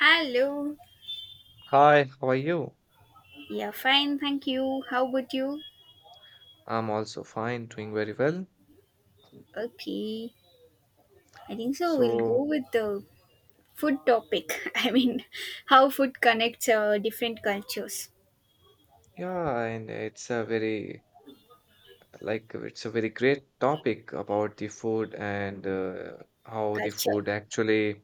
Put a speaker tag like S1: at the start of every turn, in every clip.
S1: Hello.
S2: Hi, how are you?
S1: Yeah, fine. Thank you. How about you?
S2: I'm also fine, doing very well.
S1: Okay. I think so. We'll
S2: So,
S1: go with the food topic. I mean, how food connects different cultures.
S2: yeah, and it's a very like it's a very great topic about the food and how the
S1: Culture.
S2: food actually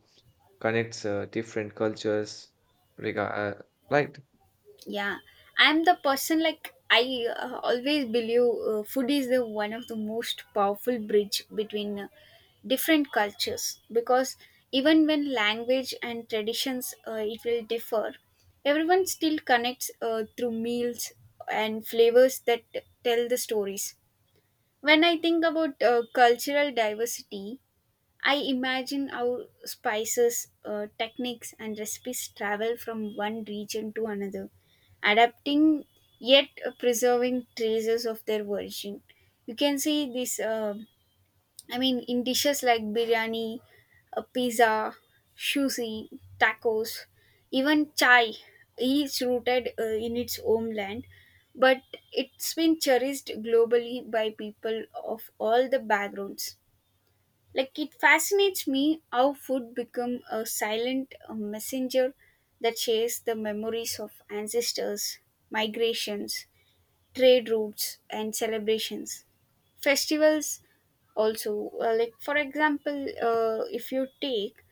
S2: connects different cultures. Rega right?
S1: Yeah, I'm the person like I always believe food is the one of the most powerful bridge between different cultures because even when language and traditions it will differ, everyone still connects through meals and flavors that tell the stories. When I think about cultural diversity, I imagine how spices, techniques, and recipes travel from one region to another, adapting yet preserving traces of their origin. You can see this, I mean, in dishes like biryani, pizza, sushi, tacos, even chai, each rooted in its homeland, but it's been cherished globally by people of all the backgrounds. Like it fascinates me how food become a silent messenger that shares the memories of ancestors, migrations, trade routes and celebrations. Festivals also, like for example, if you take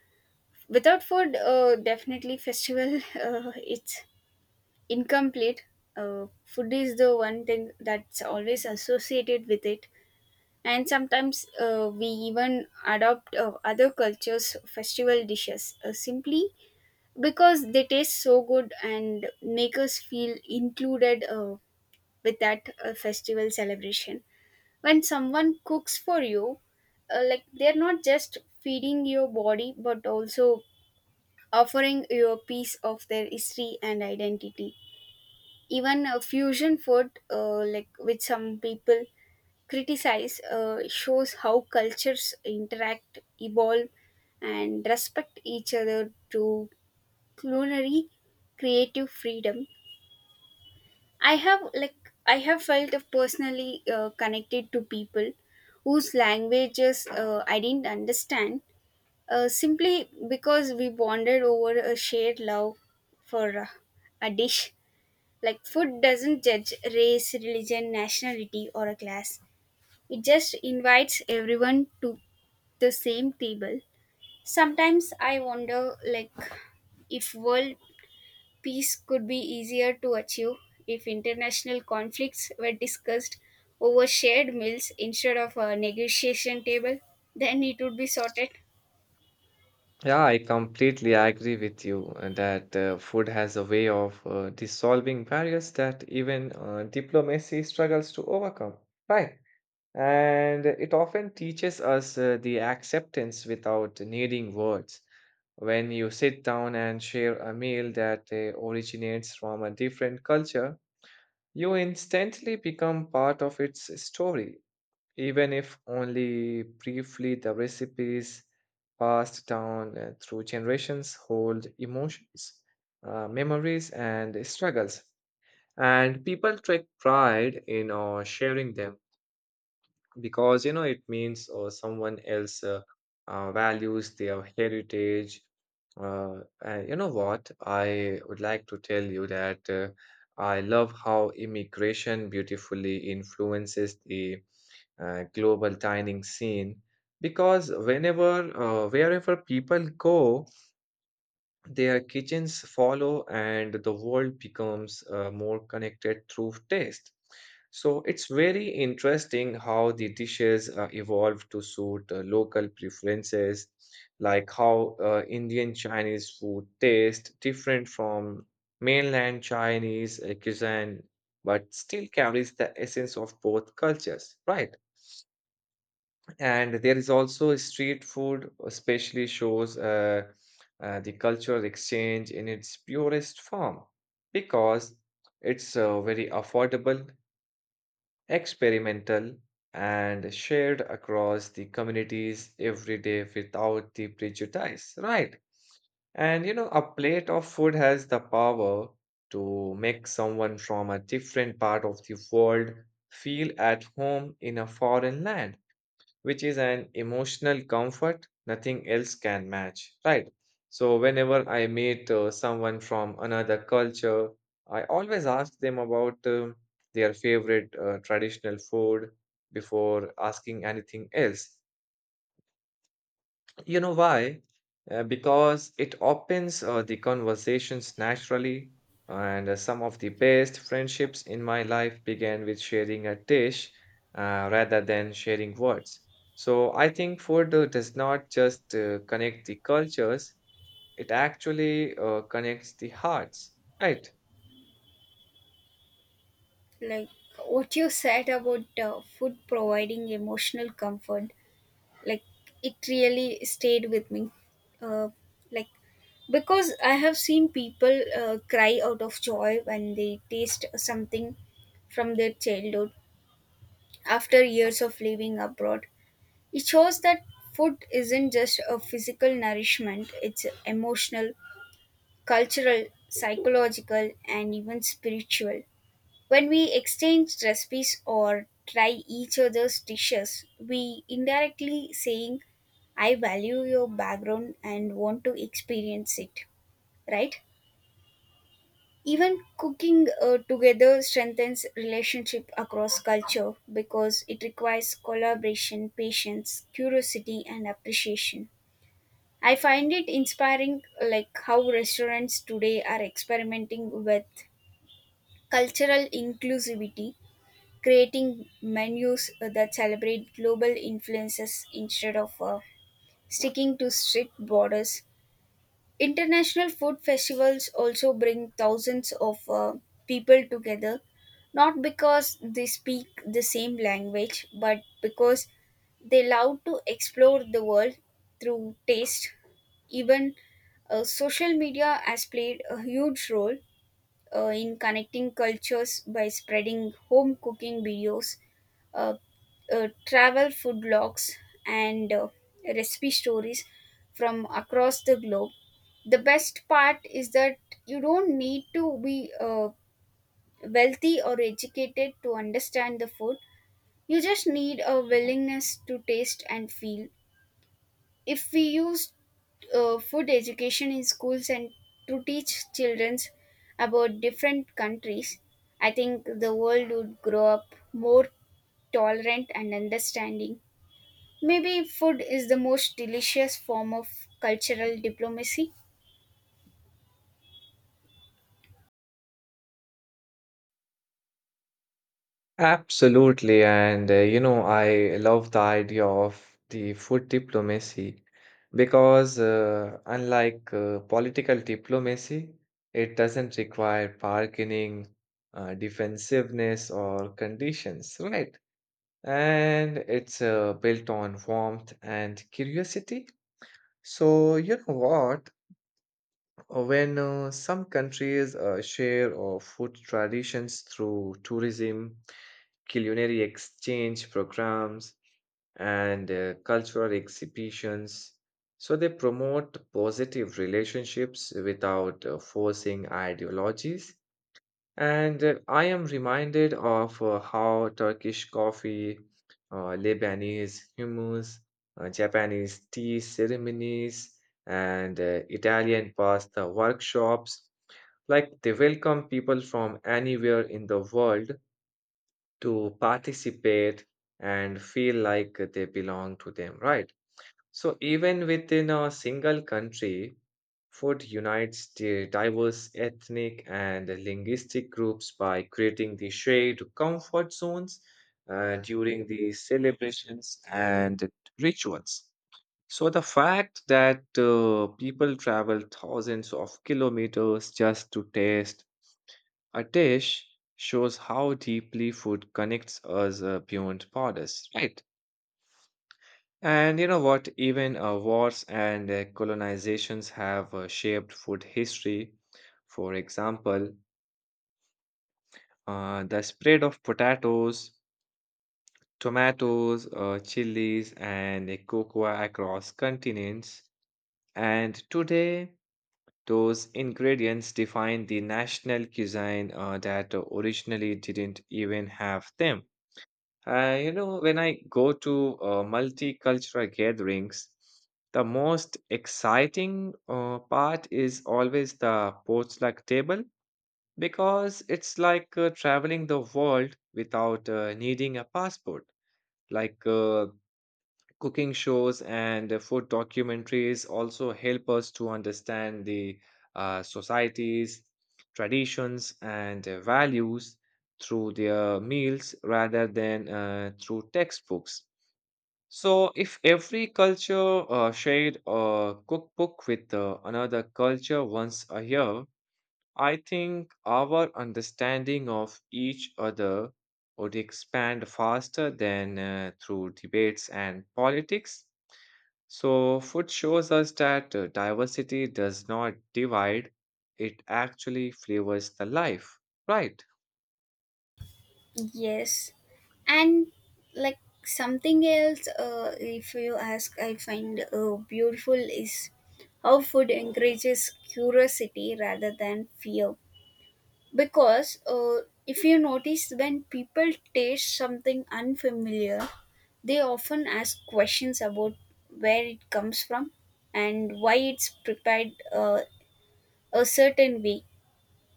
S1: without food, definitely festival. It's incomplete. Food is the one thing that's always associated with it. And sometimes we even adopt other cultures festival dishes, simply because they taste so good and make us feel included with that festival celebration. When someone cooks for you, like they're not just feeding your body but also offering you a piece of their history and identity. Even a fusion food, like with some people criticize, shows how cultures interact, evolve, and respect each other to culinary creative freedom. I have felt personally connected to people whose languages I didn't understand, simply because we bonded over a shared love for a dish. Like food doesn't judge race, religion, nationality, or a class. It just invites everyone to the same table. Sometimes I wonder, like, if world peace could be easier to achieve if international conflicts were discussed over shared meals instead of a negotiation table, then it would be sorted.
S2: Yeah, I completely agree with you that food has a way of dissolving barriers that even diplomacy struggles to overcome. Right. And it often teaches us the acceptance without needing words. When you sit down and share a meal that originates from a different culture, you instantly become part of its story, even if only briefly the recipes passed down through generations hold emotions, memories, and struggles. And people take pride in sharing them because you know it means someone else values their heritage and you know what I would like to tell you that I love how immigration beautifully influences the global dining scene because whenever wherever people go their kitchens follow and the world becomes more connected through taste. So it's very interesting how the dishes evolve to suit local preferences, like how Indian Chinese food tastes different from mainland Chinese cuisine, but still carries the essence of both cultures, right? And there is also street food, especially shows the cultural exchange in its purest form because it's very affordable, experimental, and shared across the communities every day without the prejudice, right? And you know, a plate of food has the power to make someone from a different part of the world feel at home in a foreign land, which is an emotional comfort nothing else can match, right? So, whenever I meet someone from another culture, I always ask them about their favorite traditional food before asking anything else. You know why? Because it opens the conversations naturally, and some of the best friendships in my life began with sharing a dish rather than sharing words. So I think food does not just connect the cultures, it actually connects the hearts, right?
S1: Like what you said about food providing emotional comfort, like it really stayed with me, uh, like because I have seen people cry out of joy when they taste something from their childhood after years of living abroad. It shows that food isn't just a physical nourishment, it's emotional, cultural, psychological and even spiritual. When we exchange recipes or try each other's dishes, we indirectly saying I value your background and want to experience it, right? Even cooking together strengthens relationship across culture because it requires collaboration, patience, curiosity and appreciation. I find it inspiring, like how restaurants today are experimenting with cultural inclusivity, creating menus that celebrate global influences instead of sticking to strict borders. International food festivals also bring thousands of people together, not because they speak the same language, but because they love to explore the world through taste. Even social media has played a huge role in connecting cultures by spreading home cooking videos, uh, travel food blogs, and recipe stories from across the globe. The best part is that you don't need to be wealthy or educated to understand the food. You just need a willingness to taste and feel. If we use food education in schools and to teach children about different countries, I think the world would grow up more tolerant and understanding. Maybe food is the most delicious form of cultural diplomacy.
S2: Absolutely. And, you know, I love the idea of the food diplomacy because, unlike political diplomacy, it doesn't require bargaining, defensiveness, or conditions, right? And it's built on warmth and curiosity. So, you know what? When some countries share food traditions through tourism, culinary exchange programs, and cultural exhibitions, so they promote positive relationships without forcing ideologies, and I am reminded of how Turkish coffee, Lebanese hummus, Japanese tea ceremonies, and Italian pasta workshops, like they welcome people from anywhere in the world to participate and feel like they belong to them, right? So, even within a single country, food unites the diverse ethnic and linguistic groups by creating the shared comfort zones during the celebrations and rituals. So, the fact that people travel thousands of kilometers just to taste a dish shows how deeply food connects us beyond borders, right? And you know what? Even wars and colonizations have shaped food history. For example, the spread of potatoes, tomatoes, chilies, and cocoa across continents. And today, those ingredients define the national cuisine that originally didn't even have them. When I go to multicultural gatherings, the most exciting part is always the potluck table because it's like traveling the world without needing a passport. Like uh, cooking shows and food documentaries also help us to understand the societies, traditions, and values through their meals rather than through textbooks. So, if every culture shared a cookbook with another culture once a year, I think our understanding of each other would expand faster than through debates and politics. So, food shows us that diversity does not divide, it actually flavors the life, right?
S1: Yes, and like something else, if you ask, I find beautiful is how food encourages curiosity rather than fear, because if you notice when people taste something unfamiliar, they often ask questions about where it comes from and why it's prepared a certain way.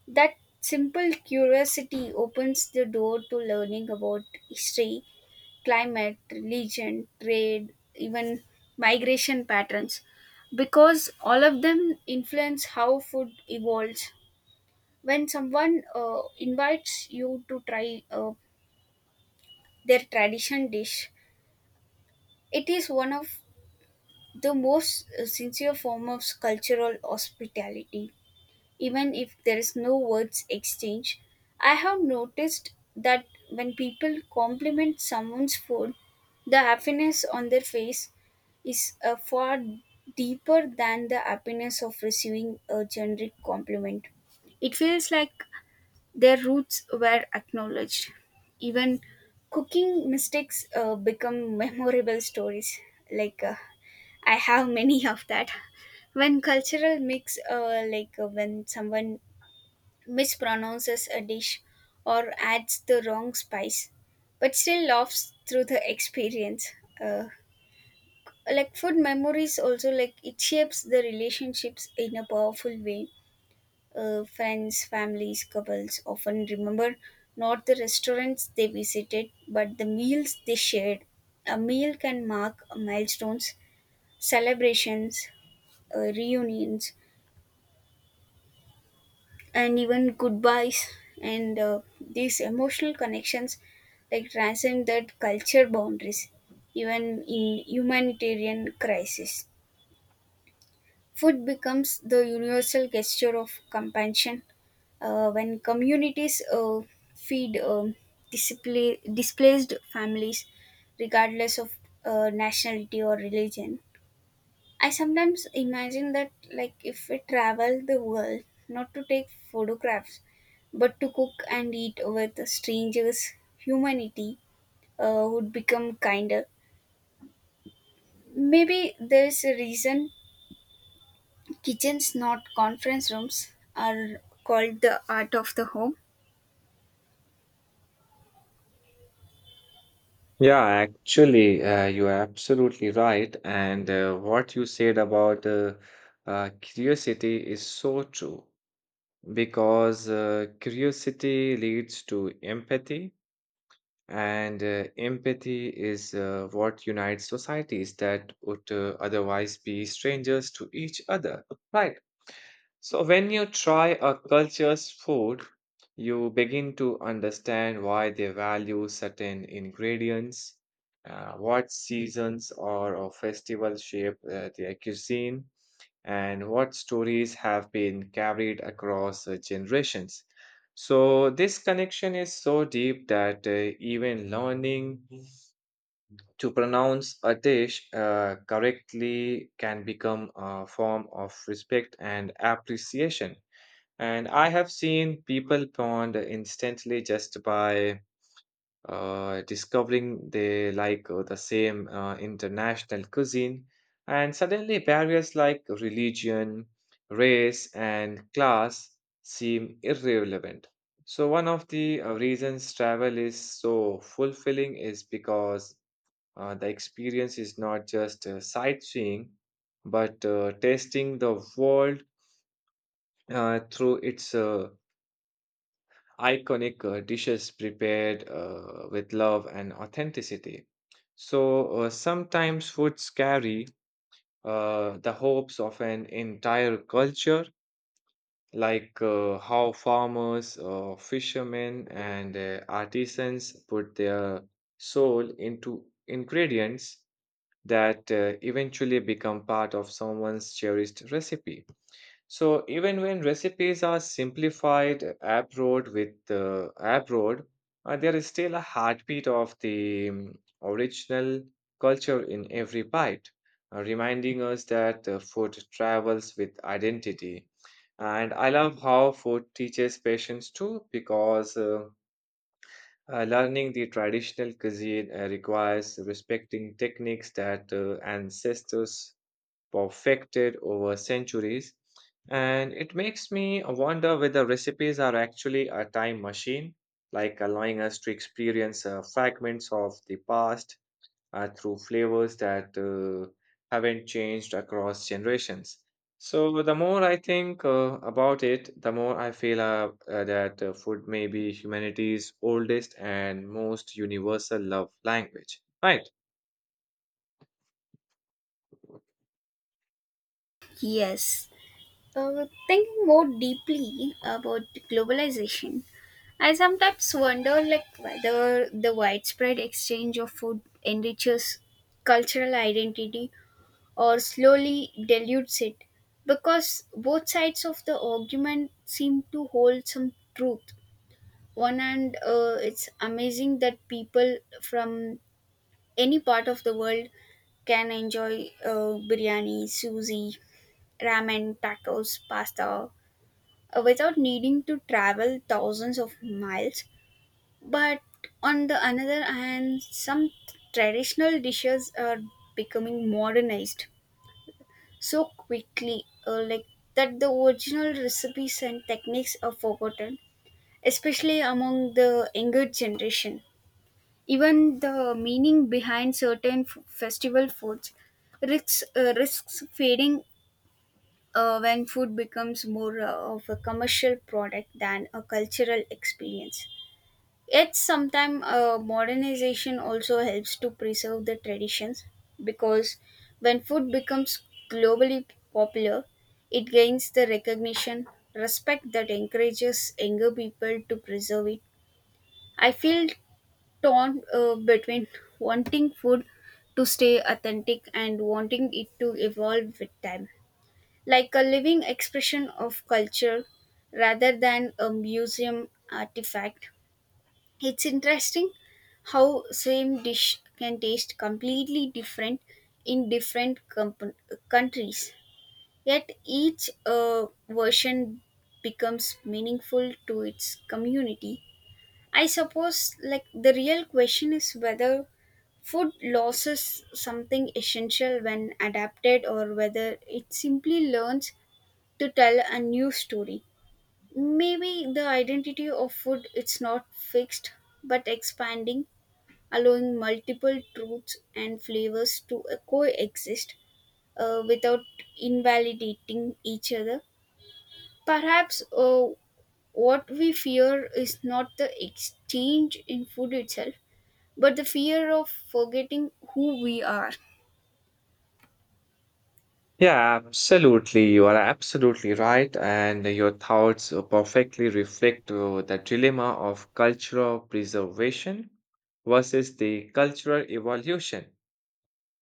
S1: That simple curiosity opens the door to learning about history, climate, religion, trade, even migration patterns, because all of them influence how food evolves. When someone invites you to try their tradition dish, it is one of the most sincere form of cultural hospitality, even if there is no words exchange. I have noticed that when people compliment someone's food, the happiness on their face is far deeper than the happiness of receiving a generic compliment. It feels like their roots were acknowledged. Even cooking mistakes become memorable stories. Like, I have many of that. When cultural mix, like, when someone mispronounces a dish or adds the wrong spice, but still laughs through the experience. Uh, like food memories also like it shapes the relationships in a powerful way, friends, families, couples often remember not the restaurants they visited, but the meals they shared. A meal can mark milestones, celebrations, reunions, and even goodbyes. And these emotional connections like transcend that culture boundaries, even in humanitarian crisis. Food becomes the universal gesture of compassion when communities feed displaced families, regardless of nationality or religion. I sometimes imagine that, like, if we travel the world, not to take photographs, but to cook and eat with strangers, humanity would become kinder. Maybe there's a reason kitchens, not conference rooms, are called the art of the home.
S2: Yeah, actually, you are absolutely right. And what you said about curiosity is so true because curiosity leads to empathy. And empathy is what unites societies that would otherwise be strangers to each other, right? So, when you try a culture's food, you begin to understand why they value certain ingredients, what seasons or festivals shape their cuisine, and what stories have been carried across generations. So, this connection is so deep that even learning to pronounce a dish correctly can become a form of respect and appreciation. And I have seen people bond instantly just by discovering they like the same international cuisine, and suddenly barriers like religion, race, and class seem irrelevant. So, one of the reasons travel is so fulfilling is because the experience is not just sightseeing, but tasting the world through its iconic dishes prepared with love and authenticity. So sometimes foods carry the hopes of an entire culture, like how farmers, fishermen, and artisans put their soul into ingredients that eventually become part of someone's cherished recipe. So even when recipes are simplified abroad with abroad, there is still a heartbeat of the original culture in every bite, reminding us that food travels with identity. And I love how food teaches patience too, because learning the traditional cuisine requires respecting techniques that ancestors perfected over centuries. And it makes me wonder whether recipes are actually a time machine, like allowing us to experience fragments of the past through flavors that haven't changed across generations. So, the more I think about it, the more I feel that food may be humanity's oldest and most universal love language, right?
S1: Yes. Thinking more deeply about globalization, I sometimes wonder, like, whether the widespread exchange of food enriches cultural identity or slowly dilutes it, because both sides of the argument seem to hold some truth. One hand, it's amazing that people from any part of the world can enjoy biryani, sushi, ramen, tacos, pasta, without needing to travel thousands of miles. But on the another hand, some traditional dishes are becoming modernized so quickly, like that the original recipes and techniques are forgotten, especially among the younger generation. Even the meaning behind certain festival foods risks fading when food becomes more of a commercial product than a cultural experience. Yet, sometimes modernization also helps to preserve the traditions, because when food becomes globally popular, it gains the recognition, respect that encourages younger people to preserve it. I feel torn, between wanting food to stay authentic and wanting it to evolve with time, like a living expression of culture rather than a museum artifact. It's interesting how same dish can taste completely different in different countries, yet each version becomes meaningful to its community. I suppose, like, the real question is whether food loses something essential when adapted or whether it simply learns to tell a new story. Maybe the identity of food it's not fixed but expanding, allowing multiple truths and flavors to coexist without invalidating each other. Perhaps what we fear is not the exchange in food itself, but the fear of forgetting who we are.
S2: Yeah, absolutely. You are absolutely right. And your thoughts perfectly reflect the dilemma of cultural preservation versus the cultural evolution.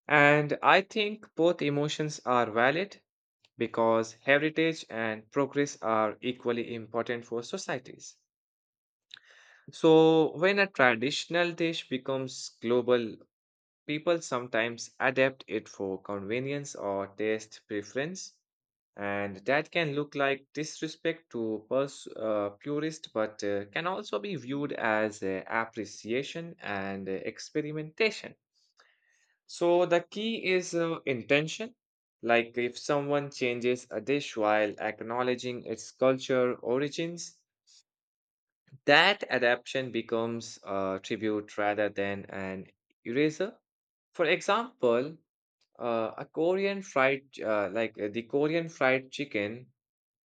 S2: And I think both emotions are valid because heritage and progress are equally important for societies. So, when a traditional dish becomes global, people sometimes adapt it for convenience or taste preference. And that can look like disrespect to purists, but can also be viewed as appreciation and experimentation. So the key is intention. Like if someone changes a dish while acknowledging its culture origins, that adaptation becomes a tribute rather than an eraser. For example, a Korean fried, ch- like the Korean fried chicken,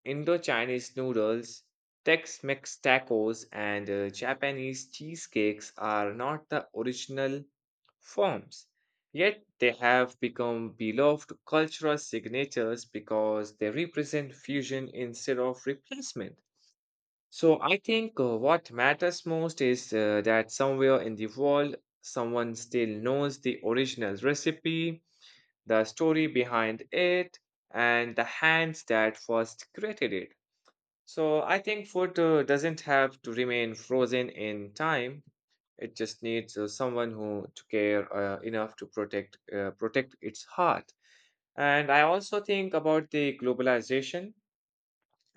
S2: Indo Chinese noodles, Tex Mex tacos, and Japanese cheesecakes are not the original forms. Yet they have become beloved cultural signatures because they represent fusion instead of replacement. So I think what matters most is that somewhere in the world, someone still knows the original recipe, the story behind it, and the hands that first created it. So I think food doesn't have to remain frozen in time. It just needs someone who to care enough to protect its heart. And I also think about the globalization,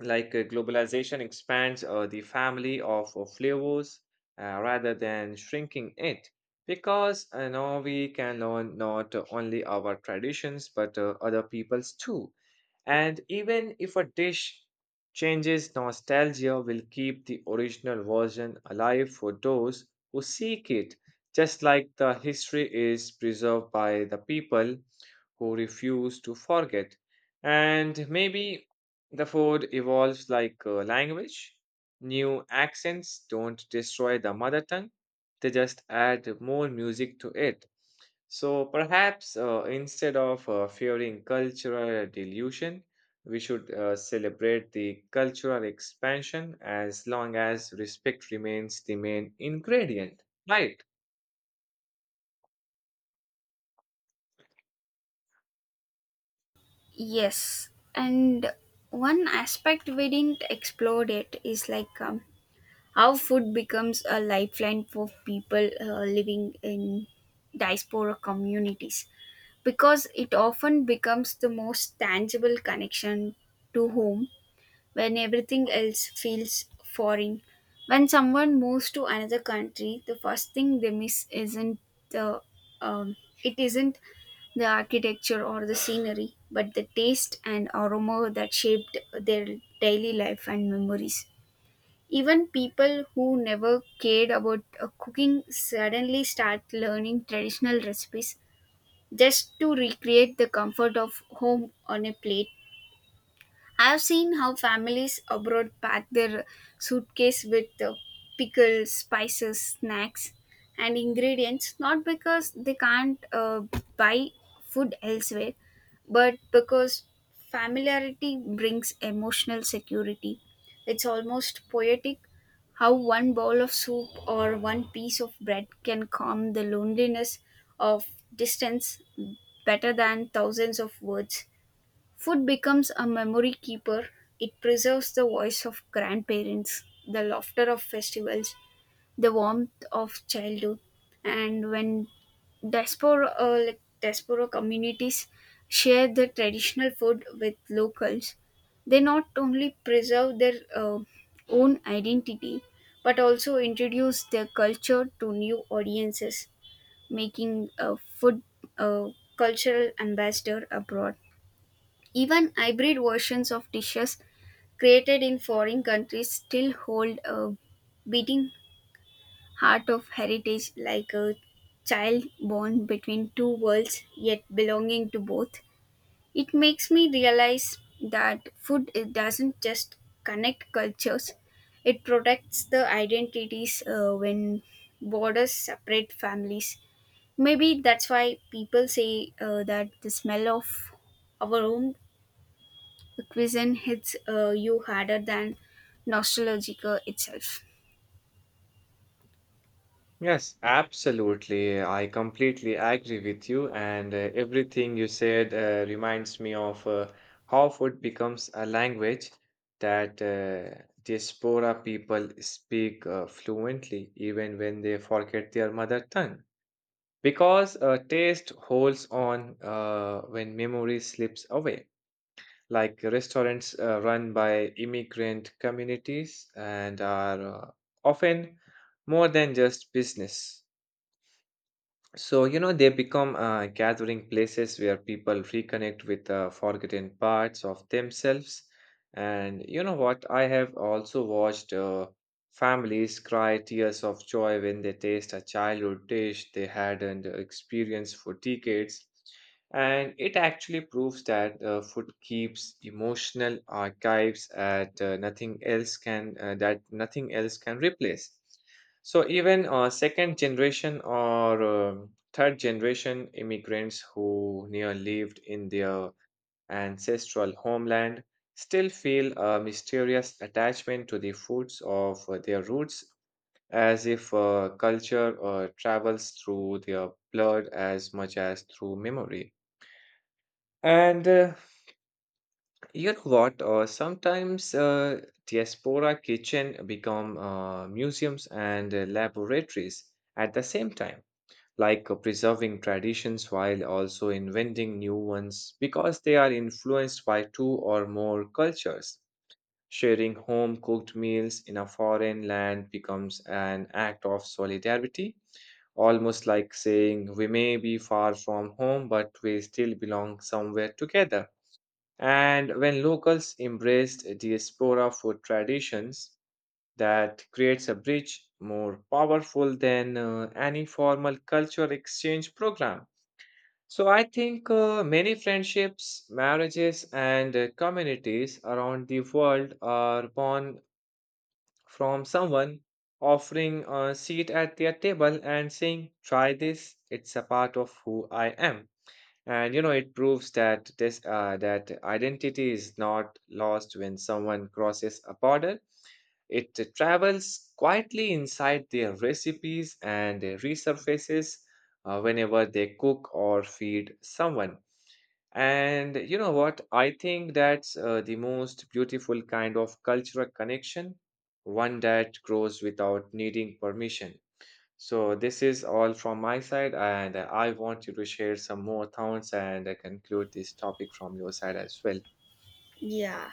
S2: globalization expands the family of flavors rather than shrinking it, because now we can learn not only our traditions but other people's too. And even if a dish changes, nostalgia will keep the original version alive for those who seek it, just like the history is preserved by the people who refuse to forget. And maybe the food evolves like language. New accents don't destroy the mother tongue, they just add more music to it. So perhaps instead of fearing cultural dilution, we should celebrate the cultural expansion as long as respect remains the main ingredient, right?
S1: Yes, and one aspect we didn't explore it is, like, how food becomes a lifeline for people living in diaspora communities, because it often becomes the most tangible connection to home when everything else feels foreign. When someone moves to another country, the first thing they miss the um, isn't the architecture or the scenery, but the taste and aroma that shaped their daily life and memories. Even people who never cared about cooking suddenly start learning traditional recipes just to recreate the comfort of home on a plate. I've seen how families abroad pack their suitcase with the pickles, spices, snacks, and ingredients, not because they can't buy food elsewhere, but because familiarity brings emotional security. It's almost poetic how one bowl of soup or one piece of bread can calm the loneliness of distance better than thousands of words. Food becomes a memory keeper. It preserves the voice of grandparents, the laughter of festivals, the warmth of childhood. And when diaspora communities share the traditional food with locals, they not only preserve their own identity but also introduce their culture to new audiences, making a food uh, cultural ambassador abroad. Even hybrid versions of dishes created in foreign countries still hold a beating heart of heritage, like a child born between two worlds yet belonging to both. It makes me realize that food it doesn't just connect cultures, it protects the identities when borders separate families. Maybe that's why people say that the smell of our home, the cuisine hits you harder than nostalgia itself.
S2: Yes, absolutely. I completely agree with you, and everything you said reminds me of how food becomes a language that diaspora people speak fluently, even when they forget their mother tongue. Because taste holds on when memory slips away. Like restaurants run by immigrant communities and are often more than just business. So, you know, they become gathering places where people reconnect with forgotten parts of themselves. And you know what? I have also watched families cry tears of joy when they taste a childhood dish they hadn't experienced for decades. And it actually proves that food keeps emotional archives at nothing else can that nothing else can replace. So even second generation or third generation immigrants who near lived in their ancestral homeland still feel a mysterious attachment to the foods of their roots, as if culture travels through their blood as much as through memory. And you know what? Sometimes diaspora kitchen become museums and laboratories at the same time, like preserving traditions while also inventing new ones because they are influenced by two or more cultures. Sharing home cooked meals in a foreign land becomes an act of solidarity, almost like saying, "We may be far from home, but we still belong somewhere together." And when locals embraced diaspora food traditions, that creates a bridge more powerful than any formal culture exchange program. So I think many friendships, marriages, and communities around the world are born from someone offering a seat at their table and saying, "Try this, it's a part of who I am." And you know, it proves that this that identity is not lost when someone crosses a border. It travels quietly inside their recipes and resurfaces whenever they cook or feed someone. And you know what? I think that's the most beautiful kind of cultural connection, one that grows without needing permission. So, this is all from my side, and I want you to share some more thoughts and conclude this topic from your side as well.
S1: Yeah.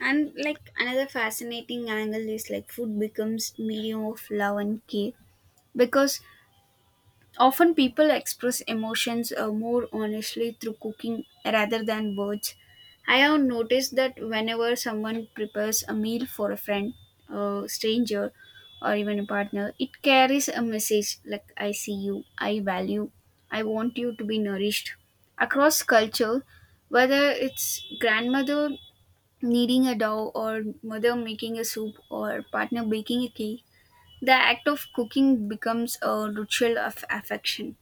S1: And, like, another fascinating angle is, like, food becomes medium of love and care, because often people express emotions more honestly through cooking rather than words. I have noticed that whenever someone prepares a meal for a friend, a stranger, or even a partner, it carries a message like, I see you, I value, I want you to be nourished. Across culture, whether it's grandmother kneading a dough or mother making a soup or partner baking a cake, the act of cooking becomes a ritual of affection.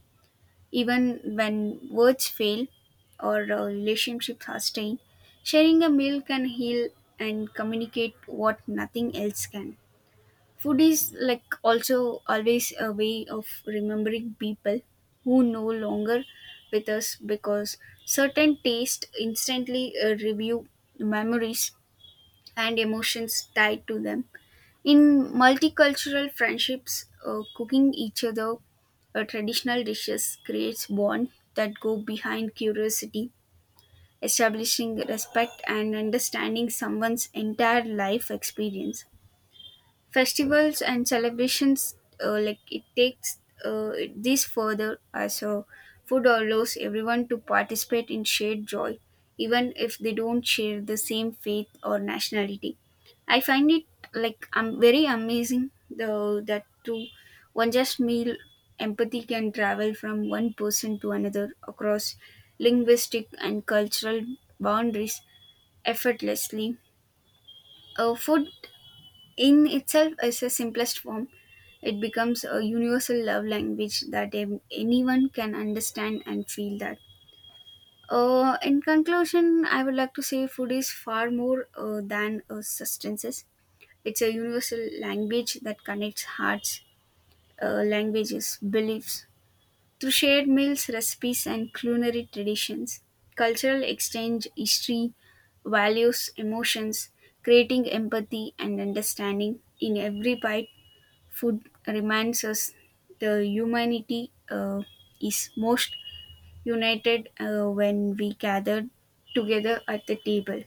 S1: Even when words fail or, relationships are strained, sharing a meal can heal and communicate what nothing else can. Food is, like, also always a way of remembering people who no longer with us, because certain taste instantly review memories and emotions tied to them. In multicultural friendships, cooking each other traditional dishes creates bonds that go behind curiosity, establishing respect and understanding someone's entire life experience. Festivals and celebrations, like it takes this further as a food allows everyone to participate in shared joy, even if they don't share the same faith or nationality. I find it, like, I'm very amazing though that to one just meal, empathy can travel from one person to another across linguistic and cultural boundaries effortlessly. Food in itself is a simplest form. It becomes a universal love language that anyone can understand and feel that. In conclusion, I would like to say food is far more than substances. It's a universal language that connects hearts, languages, beliefs. Through shared meals, recipes, and culinary traditions, cultural exchange, history, values, emotions, creating empathy and understanding in every bite. Food reminds us the humanity is most united when we gather together at the table.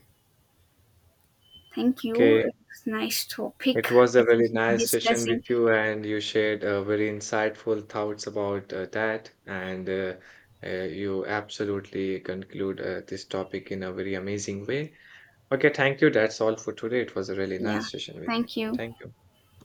S1: Thank
S2: Okay,
S1: you. It's nice topic,
S2: it was a really
S1: especially
S2: nice session with
S1: discussing.
S2: you, and you shared very insightful thoughts about that. And You absolutely conclude this topic in a very amazing way. Okay, thank you. That's all for today. It was a really
S1: Yeah,
S2: nice session with you.
S1: thank you.
S2: Thank you.